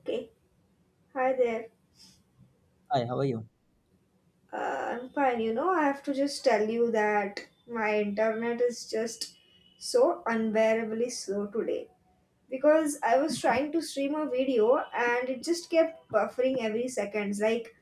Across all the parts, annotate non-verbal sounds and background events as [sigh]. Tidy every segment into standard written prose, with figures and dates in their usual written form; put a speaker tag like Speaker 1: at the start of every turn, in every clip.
Speaker 1: Okay, hi there.
Speaker 2: Hi, how are you?
Speaker 1: Uh, I'm fine. You know, I have to just tell you that my internet is just so unbearably slow today. Because I was trying to stream a video and it just kept buffering every seconds. Like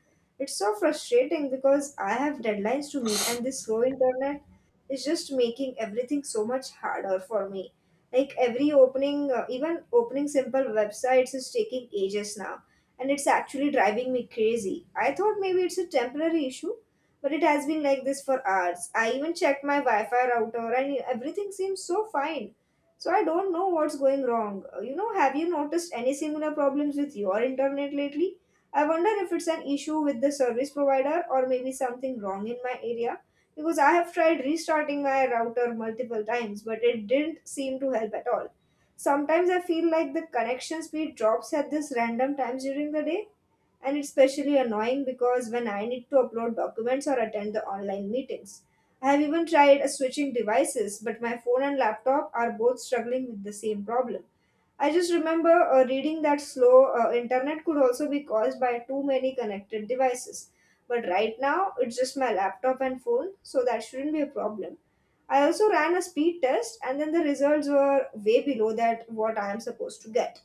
Speaker 1: it's so frustrating because I have deadlines to meet and this slow internet is just making everything so much harder for me. Like every even opening simple websites is taking ages now and it's actually driving me crazy. I thought maybe it's a temporary issue, but it has been like this for hours. I even checked my Wi Fi router and everything seems so fine, so I don't know what's going wrong. You know, have you noticed any similar problems with your internet lately? I wonder if it's an issue with the service provider or maybe something wrong in my area because I have tried restarting my router multiple times but it didn't seem to help at all. Sometimes I feel like the connection speed drops at this random times during the day and it's especially annoying because when I need to upload documents or attend the online meetings. I have even tried switching devices, but my phone and laptop are both struggling with the same problem. I just remember reading that slow internet could also be caused by too many connected devices. But right now, it's just my laptop and phone, so that shouldn't be a problem. I also ran a speed test, and then the results were way below that what I am supposed to get.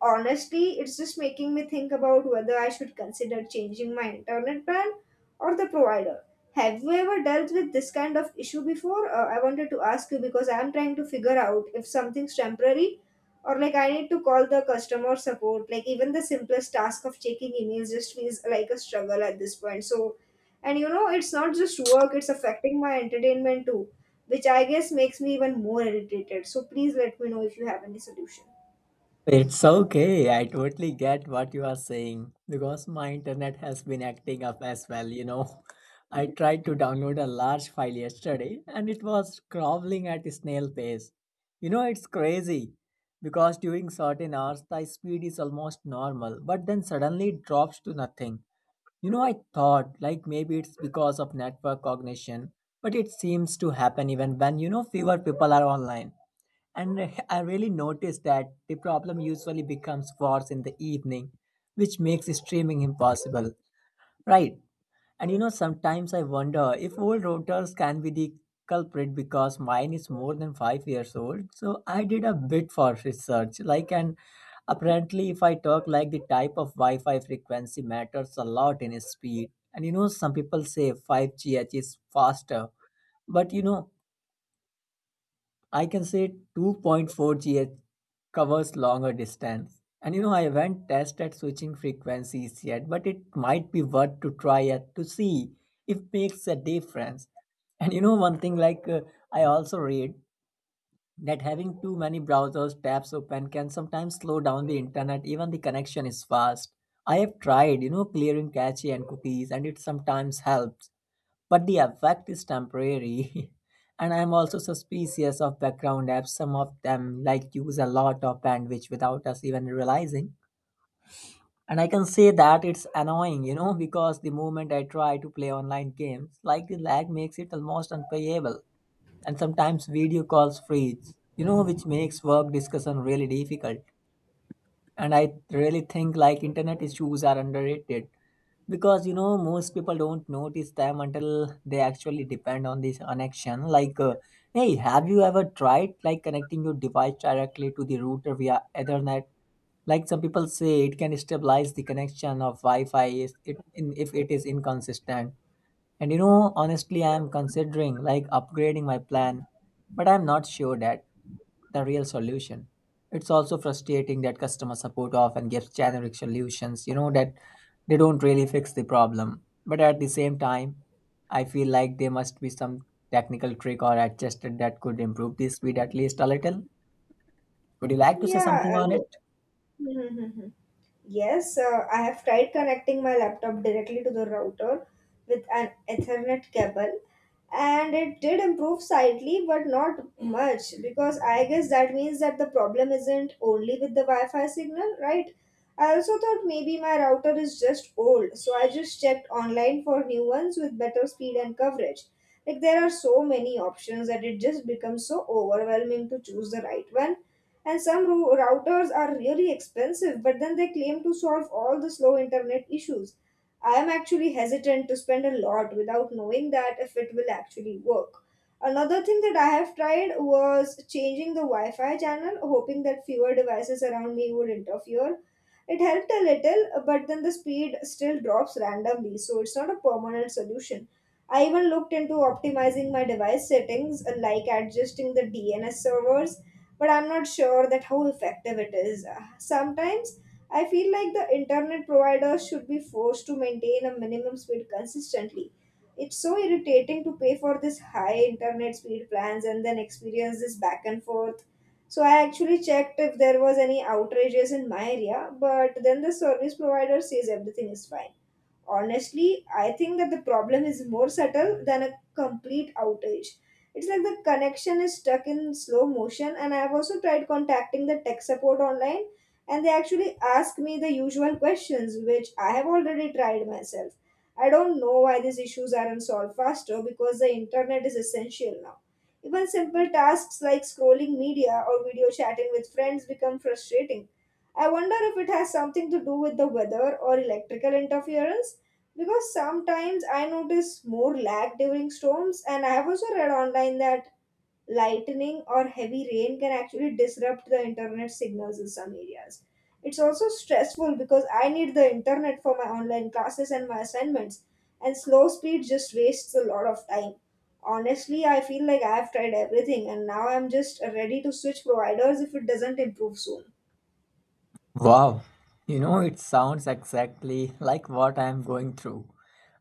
Speaker 1: Honestly, it's just making me think about whether I should consider changing my internet plan or the provider. Have you ever dealt with this kind of issue before? I wanted to ask you because I'm trying to figure out if something's temporary or like I need to call the customer support. Like even the simplest task of checking emails just feels like a struggle at this point. So, and you know, it's not just work, it's affecting my entertainment too, which I guess makes me even more irritated. So please let me know if you have any solution.
Speaker 2: It's okay. I totally get what you are saying because my internet has been acting up as well, you know. [laughs] I tried to download a large file yesterday and it was crawling at a snail pace. You know, it's crazy because during certain hours the speed is almost normal, but then suddenly it drops to nothing. You know, I thought like maybe it's because of network cognition, but it seems to happen even when you know fewer people are online. And [laughs] I really noticed that the problem usually becomes worse in the evening, which makes streaming impossible. Right? And you know, sometimes I wonder if old routers can be the culprit because mine is more than 5 years old. So I did a bit for research, like, and apparently, if I talk like the type of Wi Fi frequency matters a lot in speed. And you know, some people say 5GH is faster, but you know, I can say 2.4 GHz covers longer distance. And you know, I haven't tested switching frequencies yet, but it might be worth to try it to see if makes a difference. And you know, one thing like I also read that having too many browsers tabs open can sometimes slow down the internet, even the connection is fast. I have tried, you know, clearing cache and cookies, and it sometimes helps but the effect is temporary. [laughs] And I'm also suspicious of background apps. Some of them like use a lot of bandwidth without us even realizing. And I can say that it's annoying, you know, because the moment I try to play online games, like the lag makes it almost unplayable. And sometimes video calls freeze, you know, which makes work discussion really difficult. And I really think like internet issues are underrated because you know most people don't notice them until they actually depend on this connection like hey, have you ever tried like connecting your device directly to the router via ethernet, like some people say it can stabilize the connection of wi-fi if it is inconsistent. And you know, honestly, I'm considering like upgrading my plan, but I'm not sure that the real solution. It's also frustrating that customer support often gives generic solutions, you know, that they don't really fix the problem. But at the same time, I feel like there must be some technical trick or adjustment that could improve the speed at least a little. Would you like to say something
Speaker 1: Yeah.
Speaker 2: on it?
Speaker 1: I- [laughs] Yes, I have tried connecting my laptop directly to the router with an Ethernet cable and it did improve slightly but not much, because I guess that means that the problem isn't only with the Wi-Fi signal, right? I also thought maybe my router is just old, so I just checked online for new ones with better speed and coverage. Like there are so many options that it just becomes so overwhelming to choose the right one, and routers are really expensive but then they claim to solve all the slow internet issues. I am actually hesitant to spend a lot without knowing that if it will actually work. Another thing that I have tried was changing the Wi Fi channel, hoping that fewer devices around me would interfere. It helped a little, but then the speed still drops randomly, so it's not a permanent solution. I even looked into optimizing my device settings, like adjusting the DNS servers, but I'm not sure that how effective it is. Sometimes I feel like the internet providers should be forced to maintain a minimum speed consistently. It's so irritating to pay for this high internet speed plans and then experience this back and forth. So I actually checked if there was any outrages in my area, but then the service provider says everything is fine. Honestly, I think that the problem is more subtle than a complete outage. It's like the connection is stuck in slow motion, and I have also tried contacting the tech support online, and they actually ask me the usual questions, which I have already tried myself. I don't know why these issues aren't solved faster because the internet is essential now. Even simple tasks like scrolling media or video chatting with friends become frustrating. I wonder if it has something to do with the weather or electrical interference. Because sometimes I notice more lag during storms, and I have also read online that lightning or heavy rain can actually disrupt the internet signals in some areas. It's also stressful because I need the internet for my online classes and my assignments, and slow speed just wastes a lot of time. Honestly, I feel like I have tried everything, and now I'm just ready to switch providers if it doesn't improve soon.
Speaker 2: Wow, you know, it sounds exactly like what I am going through.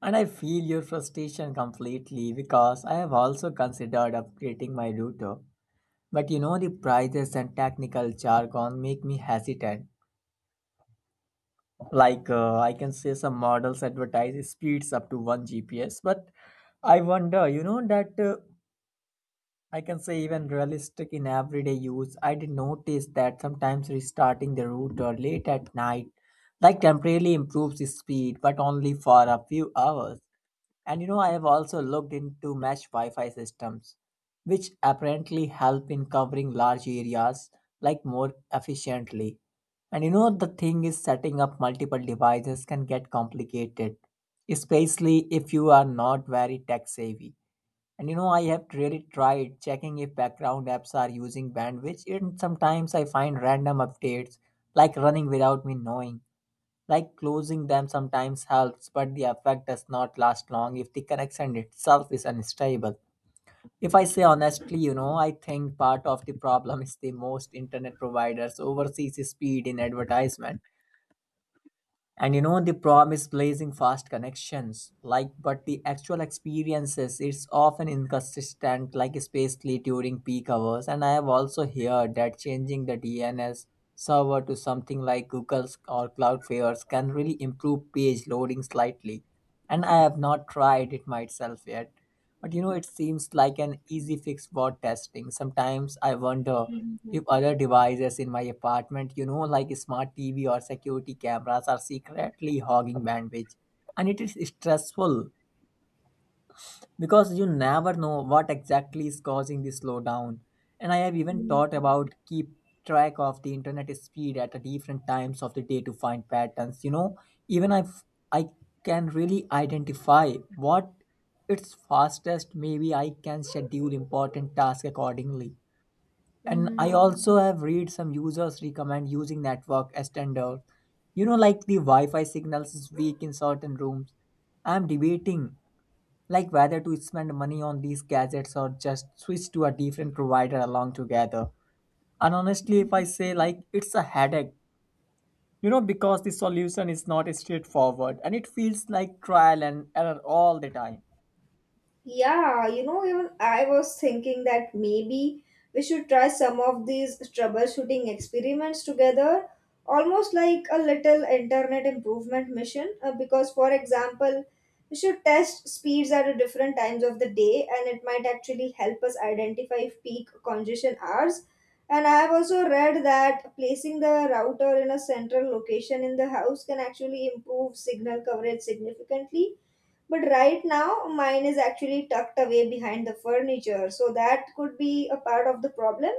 Speaker 2: And I feel your frustration completely because I have also considered upgrading my router. But you know, the prices and technical jargon make me hesitant. Like, I can say some models advertise speeds up to 1 GPS, but I wonder, you know, that. I can say even realistic in everyday use. I did notice that sometimes restarting the router late at night like temporarily improves the speed, but only for a few hours. And you know, I have also looked into mesh Wi-Fi systems, which apparently help in covering large areas like more efficiently. And you know, the thing is setting up multiple devices can get complicated, especially if you are not very tech savvy. And you know, I have really tried checking if background apps are using bandwidth, and sometimes I find random updates, like running without me knowing. Like closing them sometimes helps, but the effect does not last long if the connection itself is unstable. If I say honestly, you know, I think part of the problem is the most internet providers overseas speed in advertisement. And you know, the promise blazing fast connections, like, but the actual experiences, it's often inconsistent, like, especially during peak hours. And I have also heard that changing the DNS server to something like Google's or Cloudflare's can really improve page loading slightly. And I have not tried it myself yet. But you know, it seems like an easy fix for testing. Sometimes I wonder
Speaker 1: Mhm.
Speaker 2: if other devices in my apartment, you know, like smart TV or security cameras, are secretly hogging bandwidth. And it is stressful because you never know what exactly is causing the slowdown. And I have even thought about keep track of the internet speed at the different times of the day to find patterns. You know, even if I can really identify what it's fastest, maybe I can schedule important tasks accordingly. And I
Speaker 1: Mhm.
Speaker 2: also have read some users recommend using network as standard. You know, like the wi-fi signals is weak in certain rooms. I'm debating like whether to spend money on these gadgets or just switch to a different provider along together. And honestly, if I say like it's a headache, you know, because the solution is not straightforward and it feels like trial and error all the time.
Speaker 1: Yeah, you know, even I was thinking that maybe we should try some of these troubleshooting experiments together, almost like a little internet improvement mission. Because, for example, we should test speeds at a different times of the day, and it might actually help us identify peak congestion hours. And I have also read that placing the router in a central location in the house can actually improve signal coverage significantly. But right now, mine is actually tucked away behind the furniture, so that could be a part of the problem.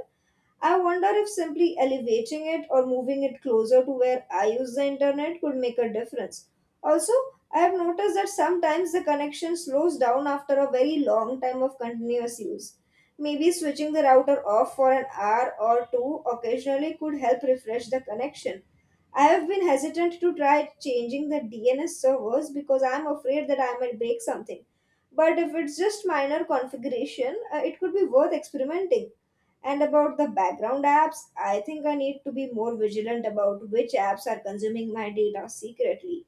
Speaker 1: I wonder if simply elevating it or moving it closer to where I use the internet could make a difference. Also, I have noticed that sometimes the connection slows down after a very long time of continuous use. Maybe switching the router off for an hour or two occasionally could help refresh the connection. I have been hesitant to try changing the DNS servers because I am afraid that I might break something. But if it's just minor configuration, it could be worth experimenting. And about the background apps, I think I need to be more vigilant about which apps are consuming my data secretly.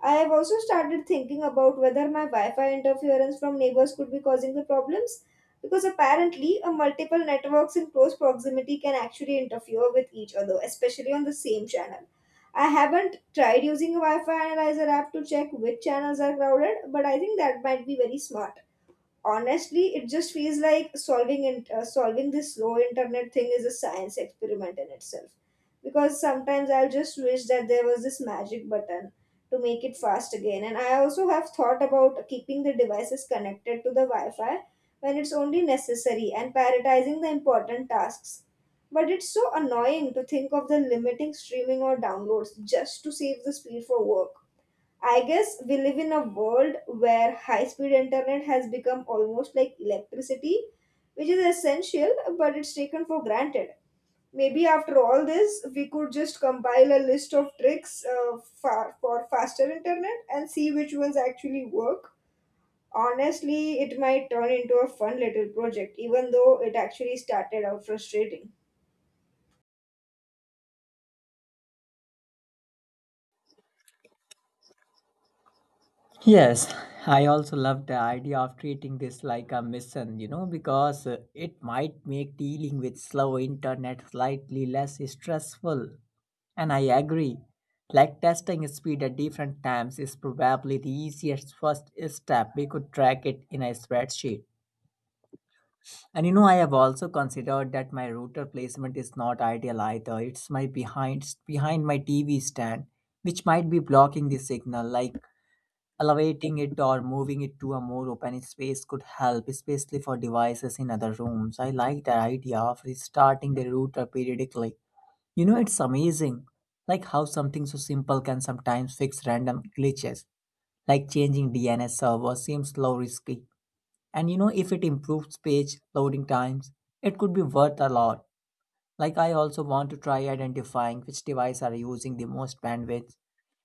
Speaker 1: I have also started thinking about whether my Wi Fi interference from neighbors could be causing the problems because apparently a multiple networks in close proximity can actually interfere with each other, especially on the same channel. I haven't tried using a Wi Fi analyzer app to check which channels are crowded, but I think that might be very smart. Honestly, it just feels like solving this slow internet thing is a science experiment in itself, because sometimes I'll just wish that there was this magic button to make it fast again. And I also have thought about keeping the devices connected to the Wi-Fi when it's only necessary and prioritizing the important tasks, but it's so annoying to think of the limiting streaming or downloads just to save the speed for work. I guess we live in a world where high speed internet has become almost like electricity, which is essential but it's taken for granted. Maybe after all this, we could just compile a list of tricks for faster internet and see which ones actually work. Honestly, it might turn into a fun little project, even though it actually started out frustrating.
Speaker 2: Yes, I also love the idea of treating this like a mission, you know, because it might make dealing with slow internet slightly less stressful. And I agree, like testing speed at different times is probably the easiest first step. We could track it in a spreadsheet. And you know, I have also considered that my router placement is not ideal either. It's my behind my TV stand, which might be blocking the signal. Like elevating it or moving it to a more open space could help, especially for devices in other rooms. I like the idea of restarting the router periodically. You know, it's amazing, like how something so simple can sometimes fix random glitches like changing DNS server seems low risky. And you know, if it improves page loading times, it could be worth a lot. Like I also want to try identifying which device are using the most bandwidth,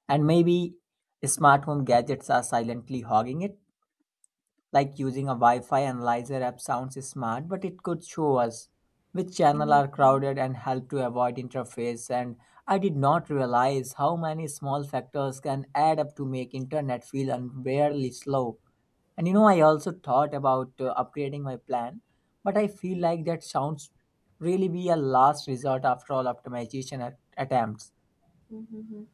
Speaker 2: and maybe smart home gadgets are silently hogging it, like using a Wi Fi analyzer app sounds smart, but it could show us which channels
Speaker 1: Hmm.
Speaker 2: are crowded and help to avoid interface. And I did not realize how many small factors can add up to make internet feel unbearably slow. And you know, I also thought about upgrading my plan, but I feel like that sounds really be a last resort after all optimization attempts.
Speaker 1: Hmm. Hmm.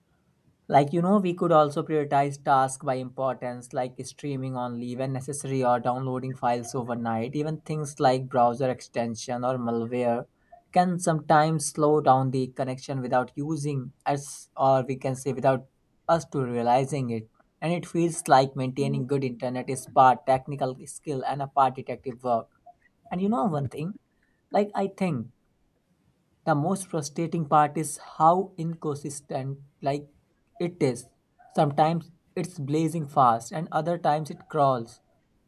Speaker 2: Like, you know, we could also prioritize tasks by importance, like streaming only when necessary or downloading files overnight. Even things like browser extension or malware can sometimes slow down the connection without using us, or we can say without us to realizing it. And it feels like maintaining good internet is part technical skill and a part detective work. And you know one thing, like I think the most frustrating part is how inconsistent like it is. Sometimes it's blazing fast and other times it crawls.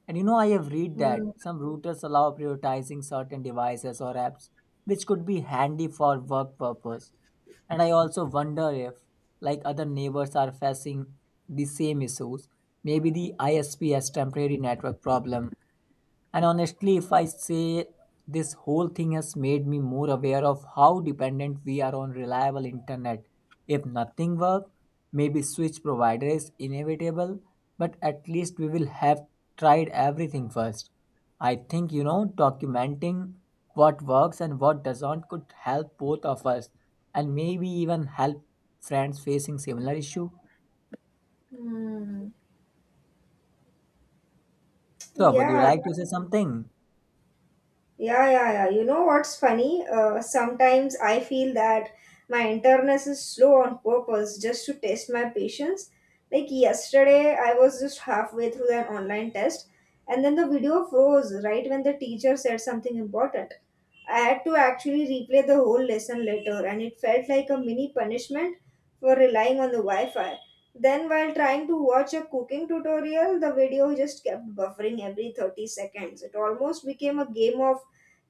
Speaker 2: And you know I have read
Speaker 1: Hmm.
Speaker 2: that
Speaker 1: Mm,
Speaker 2: some routers allow prioritizing certain devices or apps which could be handy for work purpose. And I also wonder if like other neighbors are facing the same issues. Maybe the ISP has temporary network problem. And honestly, if I say this whole thing has made me more aware of how dependent we are on reliable internet. If nothing works, maybe switch provider is inevitable, but at least we will have tried everything first. I think you know documenting what works and what doesn't could help both of us and maybe even help friends facing similar issue.
Speaker 1: mm.
Speaker 2: So would you
Speaker 1: Yeah,
Speaker 2: like to say something?
Speaker 1: yeah, yeah, yeah. You know what's funny? Sometimes I feel that my internet is slow on purpose just to test my patience. Like yesterday, I was just halfway through an online test, and then the video froze right when the teacher said something important. I had to actually replay the whole lesson later, and it felt like a mini punishment for relying on the Wi Fi. Then, while trying to watch a cooking tutorial, the video just kept buffering every 30 seconds. It almost became a game of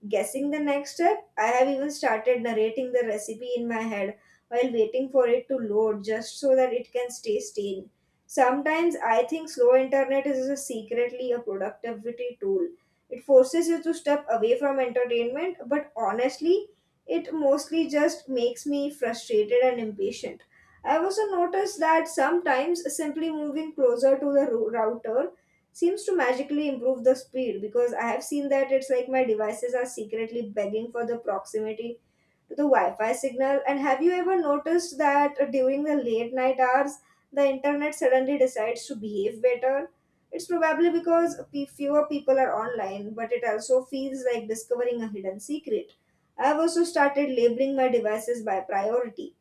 Speaker 1: guessing the next step. I have even started narrating the recipe in my head while waiting for it to load just so that it can stay sane. Sometimes I think slow internet is a secretly a productivity tool. It forces you to step away from entertainment, but honestly, it mostly just makes me frustrated and impatient. I've also noticed that sometimes simply moving closer to the router seems to magically improve the speed, because I have seen that it's like my devices are secretly begging for the proximity to the Wi Fi signal. And have you ever noticed that during the late night hours, the internet suddenly decides to behave better? It's probably because fewer people are online, but it also feels like discovering a hidden secret. I've also started labeling my devices by priority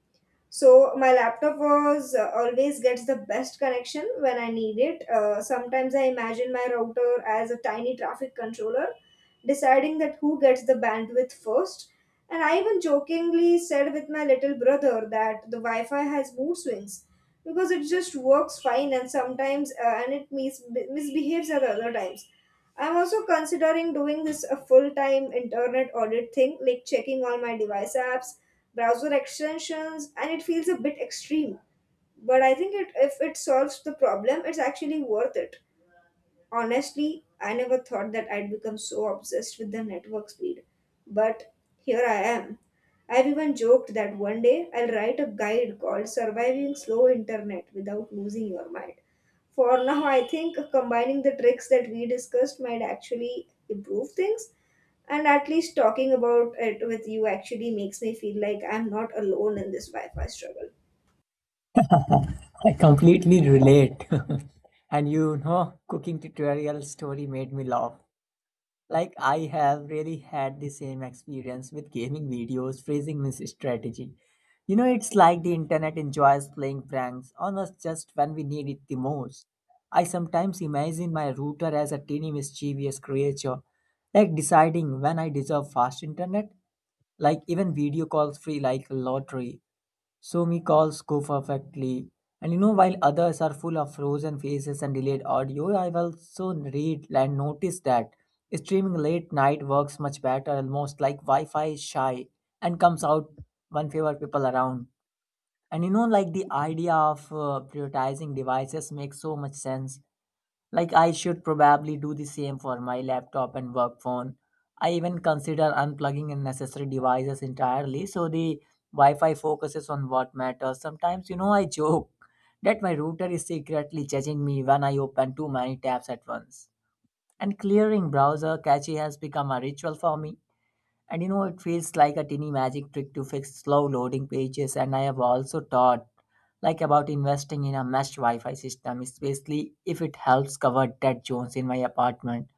Speaker 1: so my laptop was always gets the best connection when I need it. Sometimes I imagine my router as a tiny traffic controller, deciding that who gets the bandwidth first. And I even jokingly said with my little brother that the Wi-Fi has mood swings because it just works fine and sometimes misbehaves at other times. I'm also considering doing this a full-time internet audit thing, like checking all my device apps, browser extensions, and it feels a bit extreme, but I think if it solves the problem it's actually worth it. Honestly, I never thought that I'd become so obsessed with the network speed. But here I am. I've even joked that one day I'll write a guide called Surviving Slow Internet Without Losing Your Mind. For now, I think combining the tricks that we discussed might actually improve things. And at least talking about it with you actually makes me feel like I'm not alone in this Wi Fi struggle.
Speaker 2: I completely relate. [laughs] And you know, cooking tutorial story made me laugh. Like I have really had the same experience with gaming videos phrasing this strategy. You know, it's like the internet enjoys playing pranks on us just when we need it the most. I sometimes imagine my router as a teeny mischievous creature, like deciding when I deserve fast internet, like even video calls free like a lottery, so me calls go perfectly. And you know, while others are full of frozen faces and delayed audio, I've also read and noticed that streaming late night works much better, almost like Wi Fi is shy and comes out when fewer people around. And you know, like the idea of prioritizing devices makes so much sense. Like I should probably do the same for my laptop and work phone. I even consider unplugging unnecessary devices entirely so the Wi-Fi focuses on what matters. Sometimes, you know, I joke that my router is secretly judging me when I open too many tabs at once. And clearing browser cache has become a ritual for me. And you know, it feels like a tiny magic trick to fix slow loading pages. And I have also thought like about investing in a mesh Wi-Fi system, especially if it helps cover dead zones in my apartment.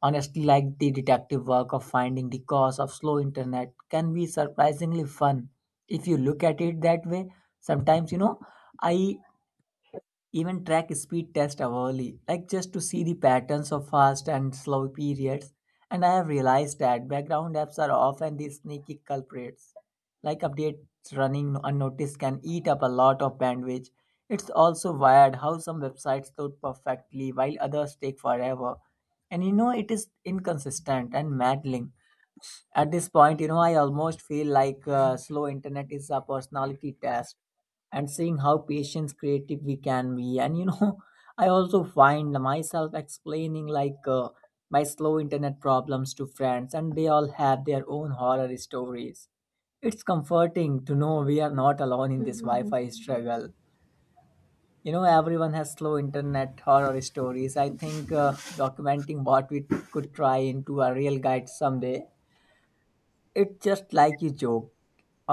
Speaker 2: Honestly, like the detective work of finding the cause of slow internet can be surprisingly fun if you look at it that way. Sometimes, you know, I even track speed test hourly, like just to see the patterns of fast and slow periods. And I have realized that background apps are often the sneaky culprits. Like updates running unnoticed can eat up a lot of bandwidth. It's also wired how some websites load perfectly while others take forever. And you know, it is inconsistent and maddening. At this point, you know, I almost feel like slow internet is a personality test, and seeing how patience creative we can be. And you know, [laughs] I also find myself explaining like my slow internet problems to friends, and they all have their own horror stories. It's comforting to know we are not alone in this Wi-Fi struggle. You know, everyone has slow internet horror stories. I think documenting what we could try into a real guide someday, it's just like you joke.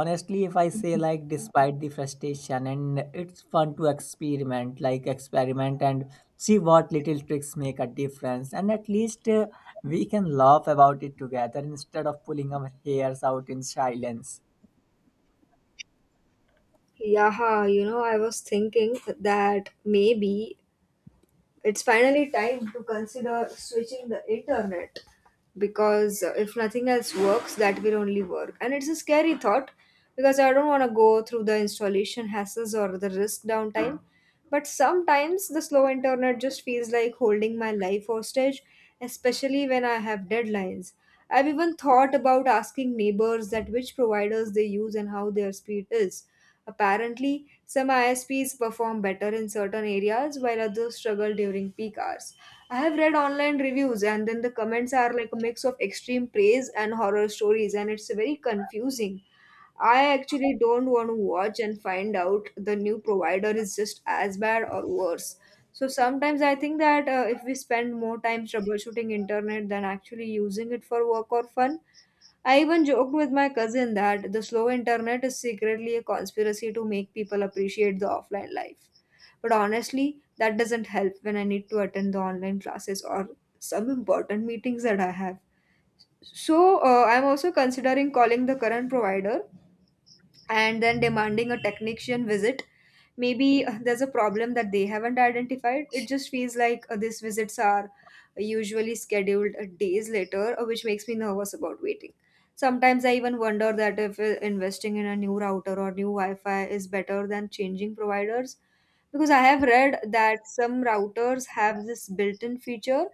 Speaker 2: Honestly, if I say like despite the frustration, and it's fun to experiment like experiment and see what little tricks make a difference. And at least we can laugh about it together instead of pulling our hairs out in silence.
Speaker 1: Yeah, you know, I was thinking that maybe it's finally time to consider switching the internet because if nothing else works, that will only work. And it's a scary thought because I don't want to go through the installation hassles or the risk downtime. But sometimes the slow internet just feels like holding my life hostage, especially when I have deadlines. I've even thought about asking neighbors that which providers they use and how their speed is. Apparently, some ISPs perform better in certain areas while others struggle during peak hours. I have read online reviews, and then the comments are like a mix of extreme praise and horror stories, and it's very confusing. I actually don't want to watch and find out the new provider is just as bad or worse. So sometimes I think that if we spend more time troubleshooting internet than actually using it for work or fun, I even joked with my cousin that the slow internet is secretly a conspiracy to make people appreciate the offline life. But honestly, that doesn't help when I need to attend the online classes or some important meetings that I have. So I'm also considering calling the current provider and then demanding a technician visit. Maybe there's a problem that they haven't identified. It just feels like these visits are usually scheduled days later, which makes me nervous about waiting. Sometimes I even wonder that if investing in a new router or new Wi-Fi is better than changing providers, because I have read that some routers have this built-in feature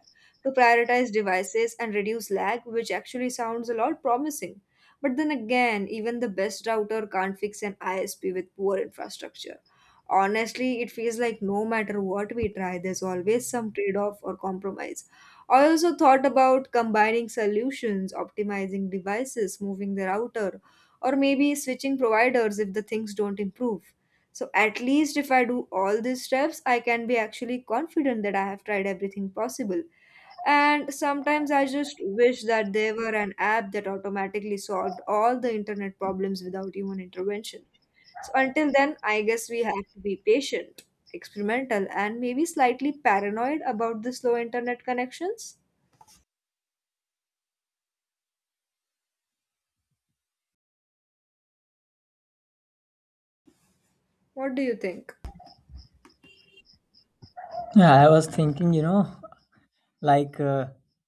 Speaker 1: to prioritize devices and reduce lag, which actually sounds a lot promising. But then again, even the best router can't fix an ISP with poor infrastructure. Honestly, it feels like no matter what we try, there's always some trade off or compromise. I also thought about combining solutions, optimizing devices, moving the router, or maybe switching providers if the things don't improve. So at least if I do all these steps, I can be actually confident that I have tried everything possible. And sometimes I just wish that there were an app that automatically solved all the internet problems without human intervention. So until then, I guess we have to be patient, experimental, and maybe slightly paranoid about the slow internet connections. What do you think?
Speaker 2: Yeah, I was thinking, you know, like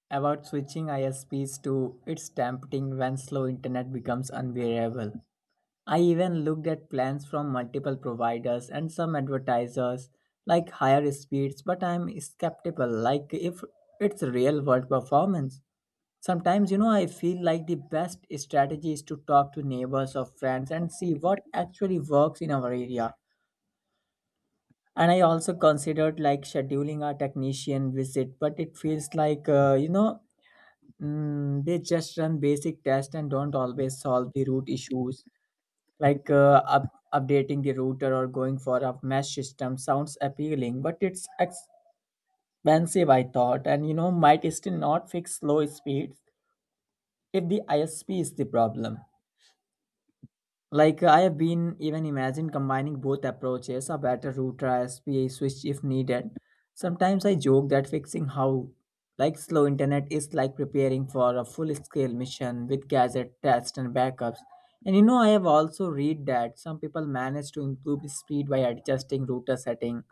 Speaker 2: about switching ISPs to it's tempting when slow internet becomes unbearable. I even looked at plans from multiple providers, and some advertisers like higher speeds, but I'm skeptical like if it's real world performance. Sometimes, you know, I feel like the best strategy is to talk to neighbors or friends and see what actually works in our area. And I also considered like scheduling a technician visit, but it feels like, you know, they just run basic tests and don't always solve the root issues. Like updating the router or going for a mesh system sounds appealing, but it's expensive, I thought, and you know, might still not fix slow speeds if the ISP is the problem. Like I have been even imagine combining both approaches, a better router as SPA switch if needed. Sometimes I joke that fixing how like slow internet is like preparing for a full scale mission with gadget tests and backups. And you know, I have also read that some people manage to improve speed by adjusting router setting,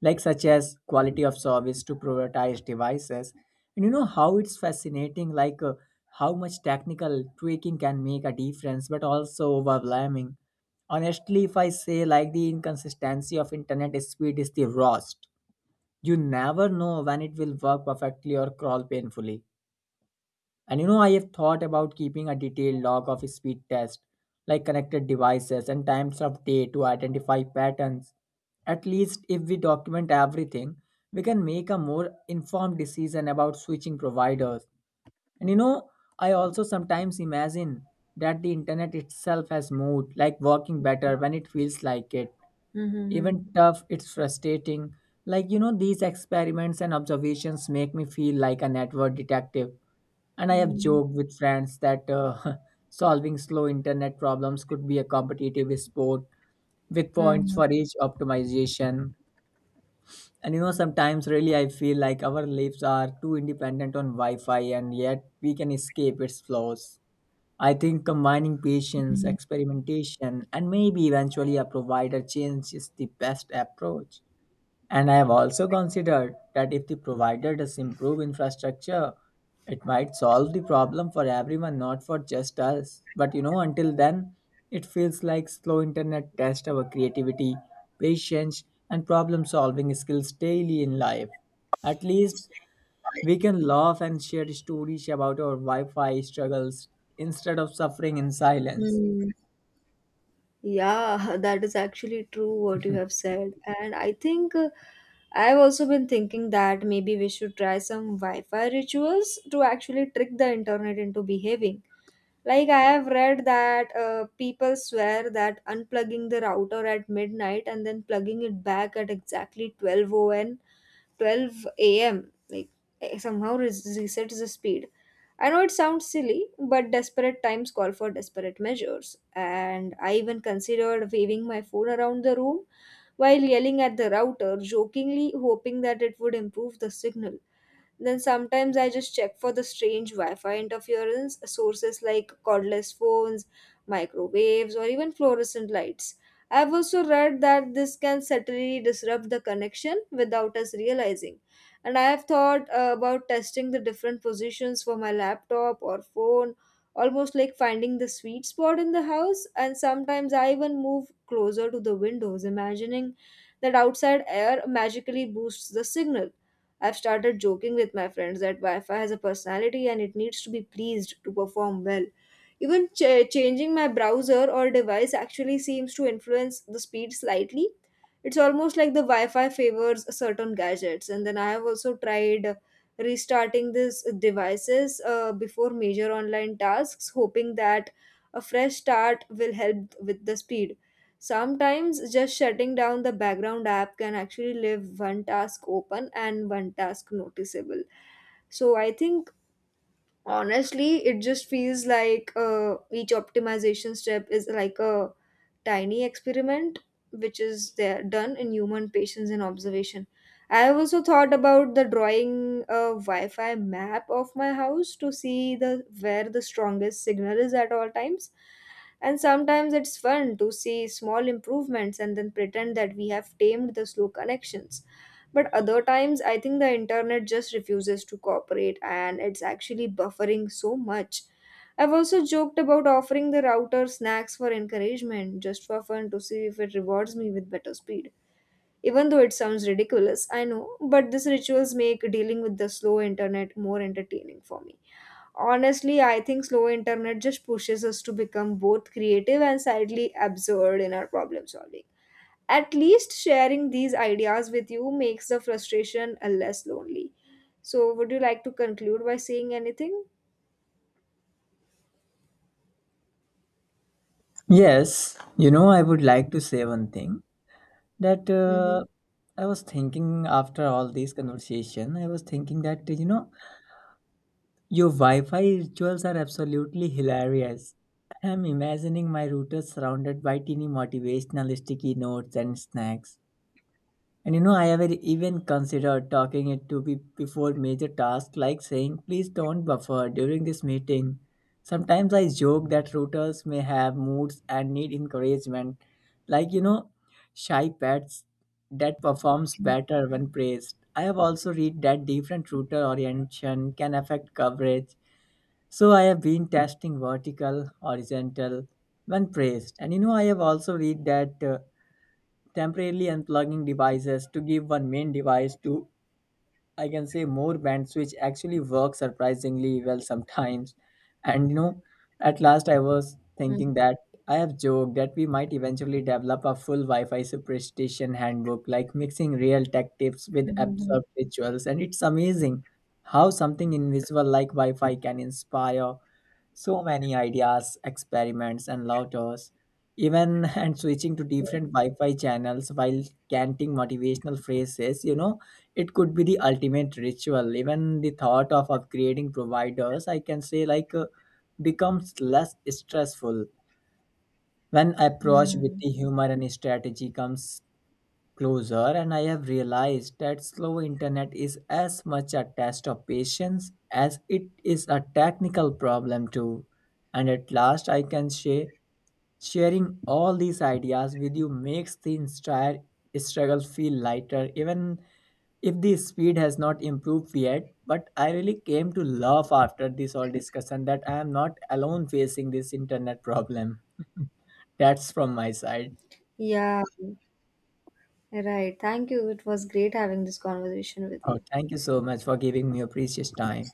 Speaker 2: like such as quality of service to prioritize devices. And you know how it's fascinating, like how much technical tweaking can make a difference, but also overwhelming. Honestly, if I say like the inconsistency of internet speed is the worst, you never know when it will work perfectly or crawl painfully. And you know, I have thought about keeping a detailed log of speed tests, like connected devices and times of day to identify patterns. At least if we document everything, we can make a more informed decision about switching providers. And you know, I also sometimes imagine that the internet itself has moved, like working better when it feels like it.
Speaker 1: Mm-hmm.
Speaker 2: Even tough, it's frustrating. Like, you know, these experiments and observations make me feel like a network detective. And I have joked with friends that [laughs] solving slow internet problems could be a competitive sport with points for each optimization. And you know, sometimes really I feel like our lives are too independent on Wi Fi and yet we can escape its flaws. I think combining patience,
Speaker 1: Mm-hmm.
Speaker 2: experimentation, and maybe eventually a provider change is the best approach. And I have also considered that if the provider does improve infrastructure, it might solve the problem for everyone, not for just us. But you know, until then, it feels like slow internet tests our creativity, patience, and problem solving skills daily in life. At least we can laugh and share stories about our Wi Fi struggles instead of suffering in silence.
Speaker 1: Yeah, [laughs] that is actually true what you have said. And I think I've also been thinking that maybe we should try some Wi Fi rituals to actually trick the internet into behaving. Like, I have read that people swear that unplugging the router at midnight and then plugging it back at exactly 12, on 12 a.m., like eh, somehow res- resets the speed. I know it sounds silly, but desperate times call for desperate measures. And I even considered waving my phone around the room while yelling at the router, jokingly hoping that it would improve the signal. Then sometimes I just check for the strange Wi Fi interference, sources like cordless phones, microwaves, or even fluorescent lights. I've also read that this can subtly disrupt the connection without us realizing. And I have thought about testing the different positions for my laptop or phone, almost like finding the sweet spot in the house. And sometimes I even move closer to the windows, imagining that outside air magically boosts the signal. I've started joking with my friends that Wi Fi has a personality and it needs to be pleased to perform well. Even changing my browser or device actually seems to influence the speed slightly. It's almost like the Wi Fi favors certain gadgets. And then I have also tried restarting these devices before major online tasks, hoping that a fresh start will help with the speed. Sometimes just shutting down the background app can actually leave one task open and one task noticeable. So I think, honestly, it just feels like each optimization step is like a tiny experiment, which is there done in human patience and observation. I have also thought about the drawing a Wi-Fi map of my house to see the where the strongest signal is at all times. And sometimes it's fun to see small improvements and then pretend that we have tamed the slow connections. But other times, I think the internet just refuses to cooperate and it's actually buffering so much. I've also joked about offering the router snacks for encouragement, just for fun, to see if it rewards me with better speed. Even though it sounds ridiculous, I know, but these rituals make dealing with the slow internet more entertaining for me. Honestly, I think slow internet just pushes us to become both creative and slightly absurd in our problem solving. At least sharing these ideas with you makes the frustration a less lonely. So would you like to conclude by saying anything?
Speaker 2: Yes, you know, I would like to say one thing, that
Speaker 1: Mm-hmm.
Speaker 2: I was thinking after all this conversation, I was thinking that you know, your Wi-Fi rituals are absolutely hilarious. I'm imagining my router surrounded by teeny motivational sticky notes and snacks. And you know, I have even considered talking it to be before major tasks, like saying, please don't buffer during this meeting. Sometimes I joke that routers may have moods and need encouragement, like, you know, shy pets that performs better when praised. I have also read that different router orientation can affect coverage. So I have been testing vertical, horizontal when praised. And you know, I have also read that temporarily unplugging devices to give one main device to, I can say, more bands, which actually work surprisingly well sometimes. [laughs] And you know, at last I was thinking that I have joked that we might eventually develop a full Wi-Fi superstition handbook, like mixing real tech tips with absurd rituals, and it's amazing how something invisible like Wi-Fi can inspire so many ideas, experiments, and laughters, even [laughs] and switching to different Wi-Fi channels while chanting motivational phrases. You know, it could be the ultimate ritual. Even the thought of upgrading providers, I can say, like becomes less stressful when approached with
Speaker 1: Mm-hmm.
Speaker 2: the humor and strategy comes closer. And I have realized that slow internet is as much a test of patience as it is a technical problem too. And at last I can say, sharing all these ideas with you makes the entire struggle feel lighter, even if the speed has not improved yet, but I really came to love after this whole discussion that I am not alone facing this internet problem. [laughs] That's from my side.
Speaker 1: Yeah, right, thank you. It was great having this conversation with
Speaker 2: Oh,
Speaker 1: you.
Speaker 2: thank you so much for giving me your precious time.